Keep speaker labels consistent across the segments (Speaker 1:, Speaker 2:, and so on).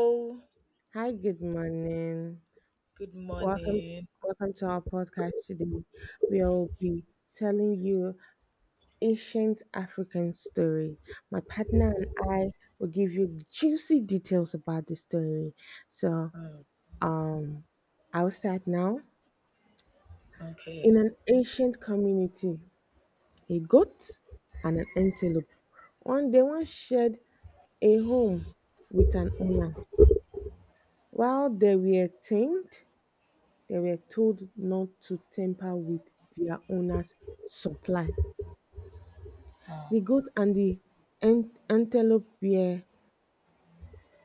Speaker 1: Oh,
Speaker 2: Hi, good morning.
Speaker 1: good
Speaker 2: Welcome to,
Speaker 1: morning.
Speaker 2: welcome to our podcast today. We'll be telling you ancient African story. My partner and I will give you juicy details about the story. So,
Speaker 1: Mm,
Speaker 2: um, I'll start now. In
Speaker 1: okay.
Speaker 2: an ancient community, a goat and an antelope. One day, one shared a home with an owner. While they were tamed, they were told not to tamper with their owner's supply. The goat and the an- antelope were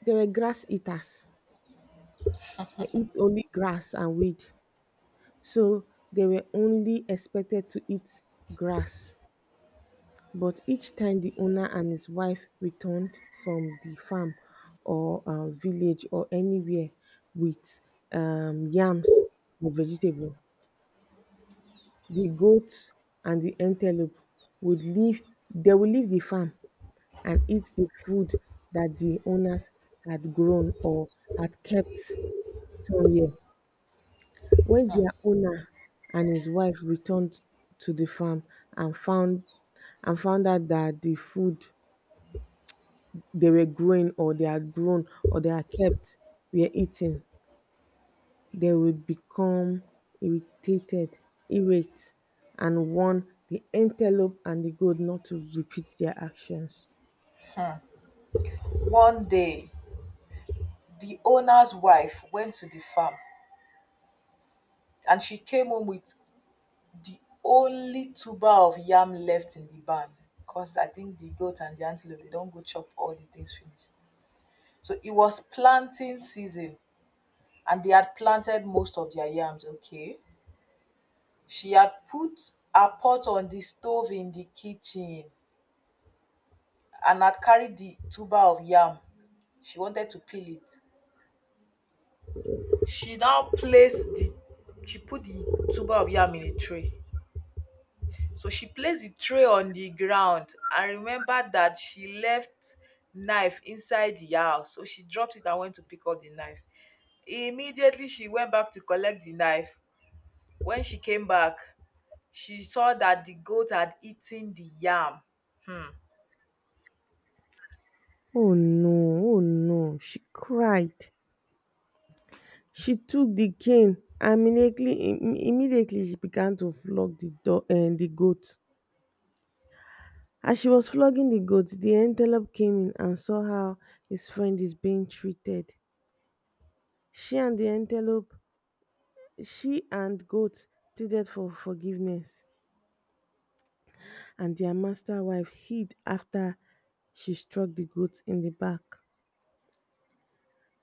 Speaker 2: they were grass eaters. They eat only grass and weed. So they were only expected to eat grass. But each time the owner and his wife returned from the farm or village or anywhere with yams or vegetable, the goats and the antelope would leave they will leave the farm and eat the food that the owners had grown or had kept somewhere. When their owner and his wife returned to the farm and found and found out that the food they were growing or they had grown or they had kept were eaten, they would become irritated, irate, and warn the antelope and the goat not to repeat their actions.
Speaker 1: One day, the owner's wife went to the farm, and she came home with the only tuber of yam left in the barn, because I think the goat and the antelope, they don't go chop all the things finish. So it was planting season, and they had planted most of their yams, okay? She had put her pot on the stove in the kitchen and had carried the tuber of yam. She wanted to peel it. she now placed the she put the tuber of yam in a tray. So she placed the tray on the ground and remembered that she left knife inside the house. So she dropped it and went to pick up the knife. Immediately she went back to collect the knife. When she came back, she saw that the goat had eaten the yam. Hmm,
Speaker 2: Oh no, oh no, she cried. She took the cane and immediately she began to flog the goat. As she was flogging the goat, the antelope came in and saw how his friend is being treated. She and the antelope, she and goat pleaded for forgiveness. And their master wife hid after she struck the goat in the back.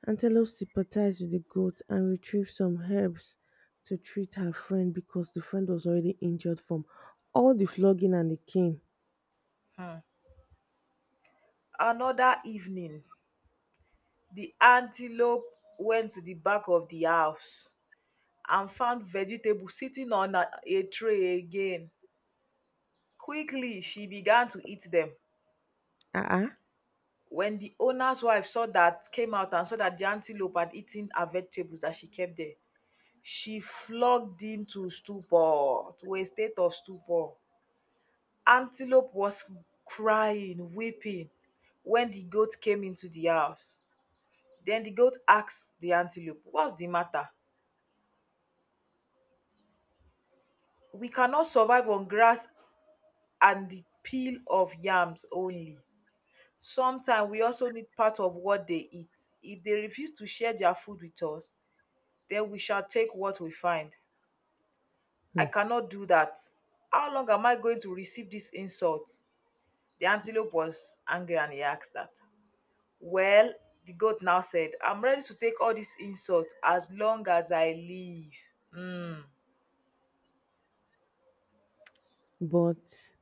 Speaker 2: Antelope sympathized with the goat and retrieved some herbs to treat her friend because the friend was already injured from all the flogging and the cane.
Speaker 1: hmm. Another evening, the antelope went to the back of the house and found vegetables sitting on a tray again. Quickly, she began to eat them.
Speaker 2: Ah,
Speaker 1: When the owner's wife saw that, came out and saw that the antelope had eaten her vegetables that she kept there, she flogged him to stupor, to a state of stupor. Antelope was crying, weeping when the goat came into the house. Then the goat asked the antelope, "What's the matter? We cannot survive on grass and the peel of yams only. Sometimes we also need part of what they eat. If they refuse to share their food with us, then we shall take what we find."
Speaker 2: uh
Speaker 1: "I cannot do that. How long am I going to receive this insult?" The antelope was angry and he asked that. Well, the goat now said, "I'm ready to take all this insult as long as I live." Hmm,
Speaker 2: but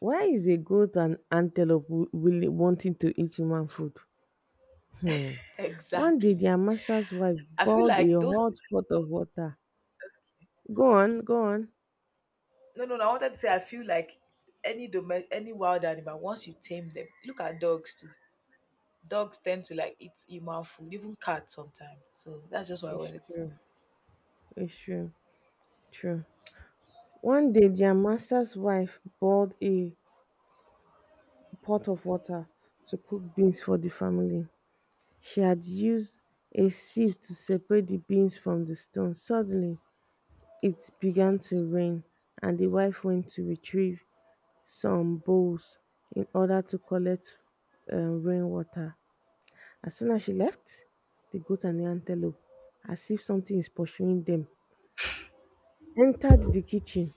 Speaker 2: why is a goat and antelope wanting to eat human food? Hmm. One day,
Speaker 1: exactly.
Speaker 2: their master's wife
Speaker 1: I feel
Speaker 2: boiled a
Speaker 1: like those.
Speaker 2: hot pot of water. Go on, go on.
Speaker 1: No, no, no. I wanted to say I feel like any dome, any wild animal. Once you tame them, look at dogs too. Dogs tend to like eat human food, even cats sometimes. So that's just what I
Speaker 2: It's
Speaker 1: wanted to say.
Speaker 2: true. It's true. True. One day their master's wife boiled a pot of water to cook beans for the family. She had used a sieve to separate the beans from the stones. Suddenly, it began to rain, and the wife went to retrieve some bowls in order to collect rainwater. As soon as she left, the goat and the antelope, as if something is pursuing them, entered the kitchen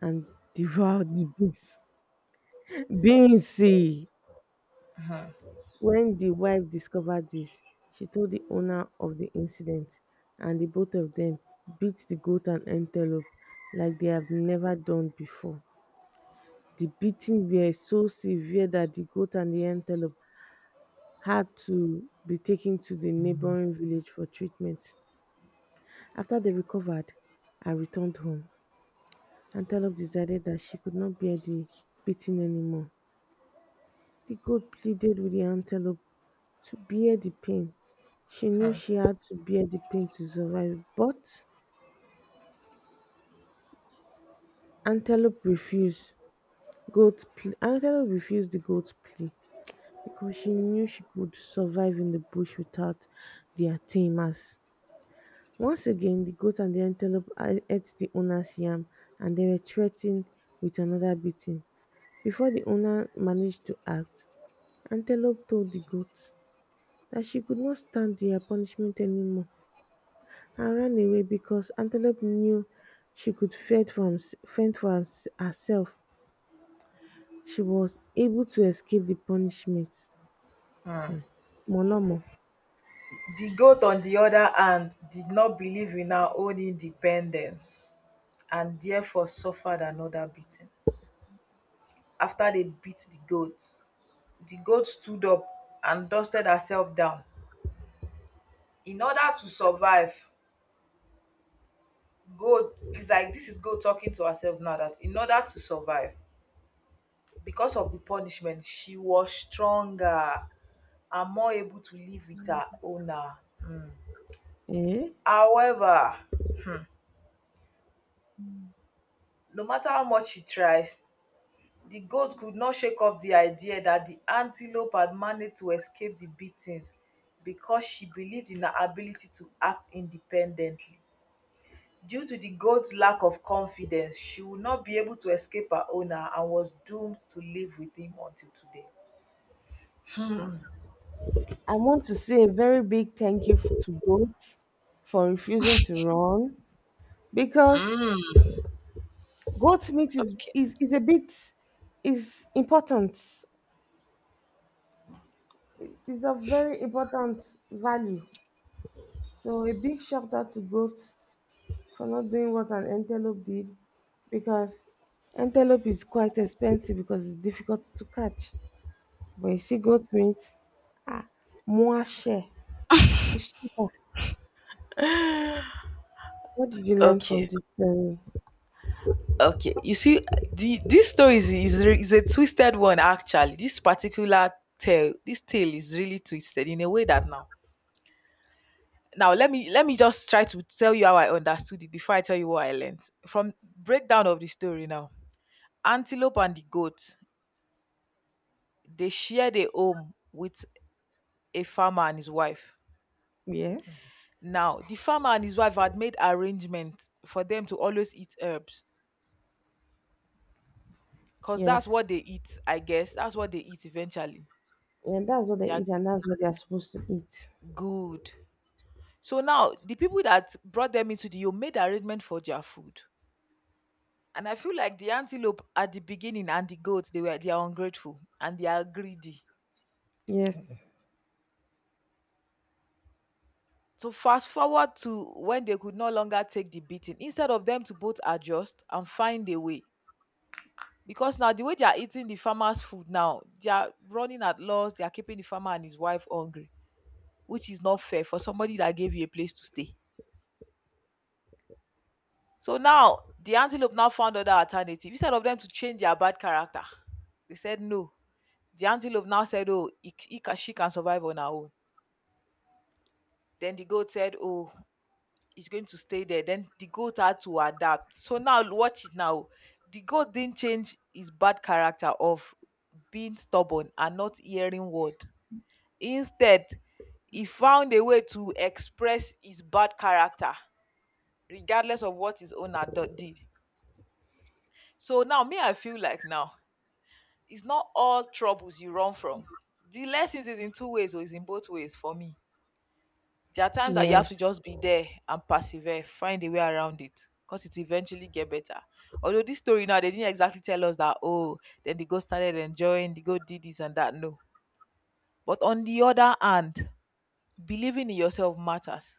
Speaker 2: and devoured the beans. Beans! Eh. When the wife discovered this, she told the owner of the incident, and the both of them beat the goat and antelope like they have never done before. The beating were so severe that the goat and the antelope had to be taken to the neighboring village for treatment. After they recovered and returned home, Antelope decided that she could not bear the beating anymore. The goat pleaded with the antelope to bear the pain. She knew she had to bear the pain to survive, but Antelope refused. Goat plea. Antelope refused the goat's plea because she knew she could survive in the bush without their tamers. Once again, the goat and the antelope ate the owner's yam and they were threatened with another beating. Before the owner managed to act, Antelope told the goat that she could not stand their punishment anymore and ran away because antelope knew she could fend for herself. She was able to escape the punishment. Molomo,
Speaker 1: The goat, on the other hand, did not believe in her own independence and therefore suffered another beating. After they beat the goat stood up and dusted herself down. In order to survive, goat is like, this is goat talking to herself now, that in order to survive, because of the punishment, she was stronger and more able to live with her owner.
Speaker 2: eh?
Speaker 1: However, no matter how much he tries, the goat could not shake off the idea that the antelope had managed to escape the beatings because she believed in her ability to act independently. Due to the goat's lack of confidence, she would not be able to escape her owner and was doomed to live with him until today.
Speaker 2: I want to say a very big thank you to goats for refusing to run because goat meat
Speaker 1: Okay,
Speaker 2: is a bit is important. It's of very important value. So a big shout out to goats for not doing what an antelope did because antelope is quite expensive because it's difficult to catch. But you see, goat meat, ah, more share. It's cheaper. What did you learn from
Speaker 1: okay,
Speaker 2: this story?
Speaker 1: okay. You see, the this story is a twisted one actually. This tale is really twisted in a way that now, let me just try to tell you how I understood it before I tell you what I learned from breakdown of the story. Now, antelope and the goat, they shared a home with a farmer and his wife.
Speaker 2: Yes,
Speaker 1: Now the farmer and his wife had made arrangements for them to always eat herbs, because that's
Speaker 2: yes.
Speaker 1: what they eat, I guess that's what they eat eventually.
Speaker 2: And that's what
Speaker 1: They
Speaker 2: they
Speaker 1: are
Speaker 2: eat, and that's what they are supposed to eat.
Speaker 1: good. So now the people that brought them into the home made arrangement for their food. And I feel like the antelope at the beginning and the goats, they are ungrateful and they are greedy.
Speaker 2: Yes,
Speaker 1: So fast forward to when they could no longer take the beating, instead of them to both adjust and find a way. Because now, the way they are eating the farmer's food now, they are running at loss, they are keeping the farmer and his wife hungry, which is not fair for somebody that gave you a place to stay. So now the antelope now found other alternative. Instead of them to change their bad character, they said no. The antelope now said, "Oh, she can survive on her own." Then the goat said, "Oh, he's going to stay there." Then the goat had to adapt. So now watch it now. The goat didn't change his bad character of being stubborn and not hearing word. Instead, he found a way to express his bad character, regardless of what his own adult did. So now me, I feel like now, it's not all troubles you run from. The lessons is in two ways or is in both ways for me. There are times that you
Speaker 2: yes,
Speaker 1: have to just be there and persevere, find a way around it because it will eventually get better. Although this story now, they didn't exactly tell us that, oh, then the girl started enjoying, the girl did this and that. No. But on the other hand, believing in yourself matters.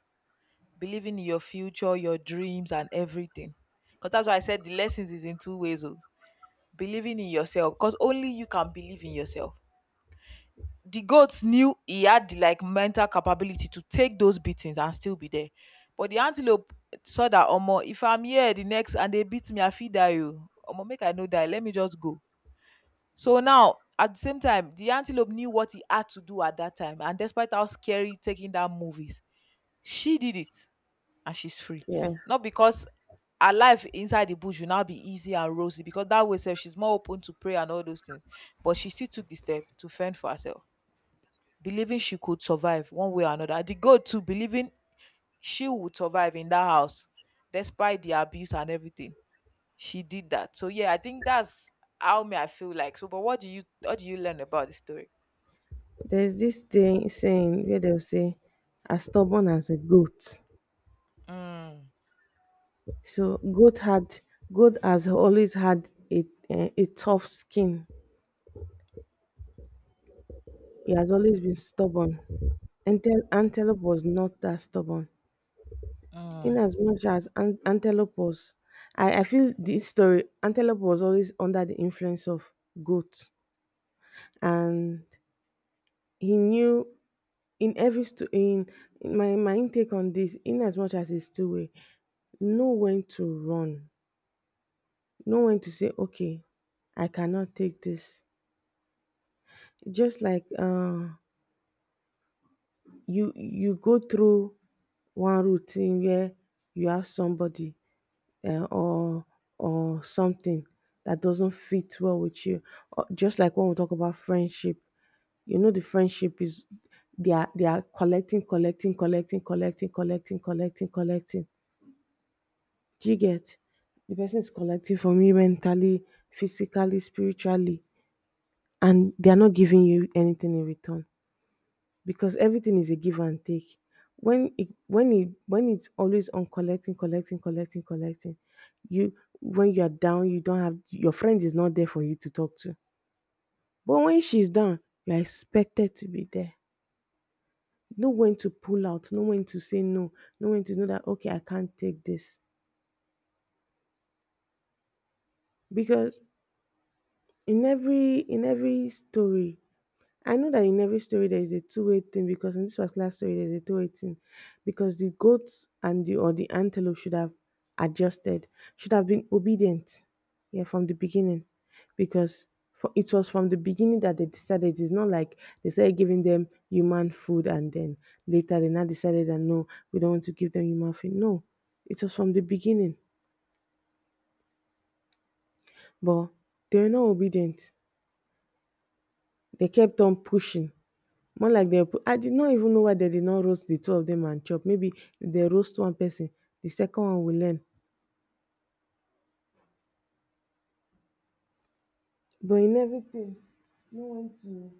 Speaker 1: Believing in your future, your dreams, and everything. Because that's why I said the lessons is in two ways. Oh. Believing in yourself, because only you can believe in yourself. The goat knew he had the like mental capability to take those beatings and still be there. But the antelope saw that, omo, if I'm here the next and they beat me, I feel die you. Omo, make I no die. Let me just go. So now at the same time, the antelope knew what he had to do at that time. And despite how scary taking that move is, she did it and she's free.
Speaker 2: yes.
Speaker 1: Not because her life inside the bush will now be easy and rosy, because that way, sef, she's more open to prayer and all those things. But she still took the step to fend for herself, believing she could survive one way or another. And the girl too, believing she would survive in that house despite the abuse and everything. She did that. So yeah, I think that's how me I feel like. So, but what do you learn about the story?
Speaker 2: There's this thing saying where they'll say, as stubborn as a goat.
Speaker 1: Mm,
Speaker 2: So goat has always had a tough skin. He has always been stubborn. Antelope was not that stubborn. In
Speaker 1: mm.
Speaker 2: as much as antelope was, I feel this story, antelope was always under the influence of goat. And he knew in every, sto- in my intake on this, in as much as he's two-way, know when to run, know when to say, okay, I cannot take this. Just like you go through one routine where you have somebody uh, or or something that doesn't fit well with you. Or just like when we talk about friendship, you know the friendship is they are collecting, collecting, collecting, collecting, collecting, collecting, collecting. Do you get? The person is collecting from you mentally, physically, spiritually, and they are not giving you anything in return. Because everything is a give and take. When it's always on collecting, collecting, collecting, collecting, you when you are down, you don't have your friend is not there for you to talk to. But when she's down, you are expected to be there. Know when to pull out, know when to say no, know when to know that okay, I can't take this. Because in every story I know that in every story there is a two-way thing because in this particular story there's a two-way thing because the goats and the or the antelope should have adjusted, should have been obedient, yeah, from the beginning because for, it was from the beginning that they decided. It's not like they started giving them human food and then later they now decided that no, we don't want to give them human food. No, it was from the beginning, but they were not obedient. They kept on pushing, more like they. Put I did not even know why they did not roast the two of them and chop. Maybe if they roast one person, the second one will learn. But in everything, no one to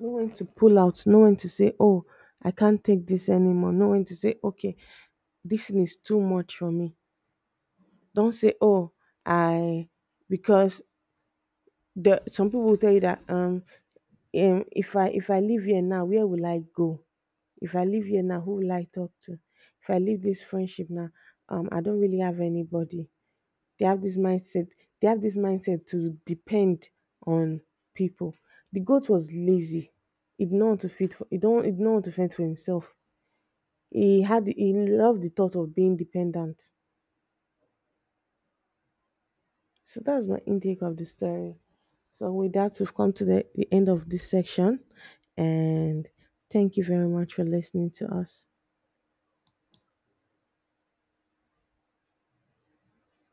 Speaker 2: no one to pull out, no one to say, oh, I can't take this anymore. No one to say, okay, this thing is too much for me. Don't say, oh, I, because the some people will tell you that if I leave here now, where will I go? If I leave here now, who will I talk to? If I leave this friendship now, I don't really have anybody. They have this mindset. They have this mindset to depend on people. The goat was lazy. He did not want to feed for he don't he did not want to fend for himself. He loved the thought of being dependent. So that's my intake of the story. So with that, we've come to the end of this section, and thank you very much for listening to us.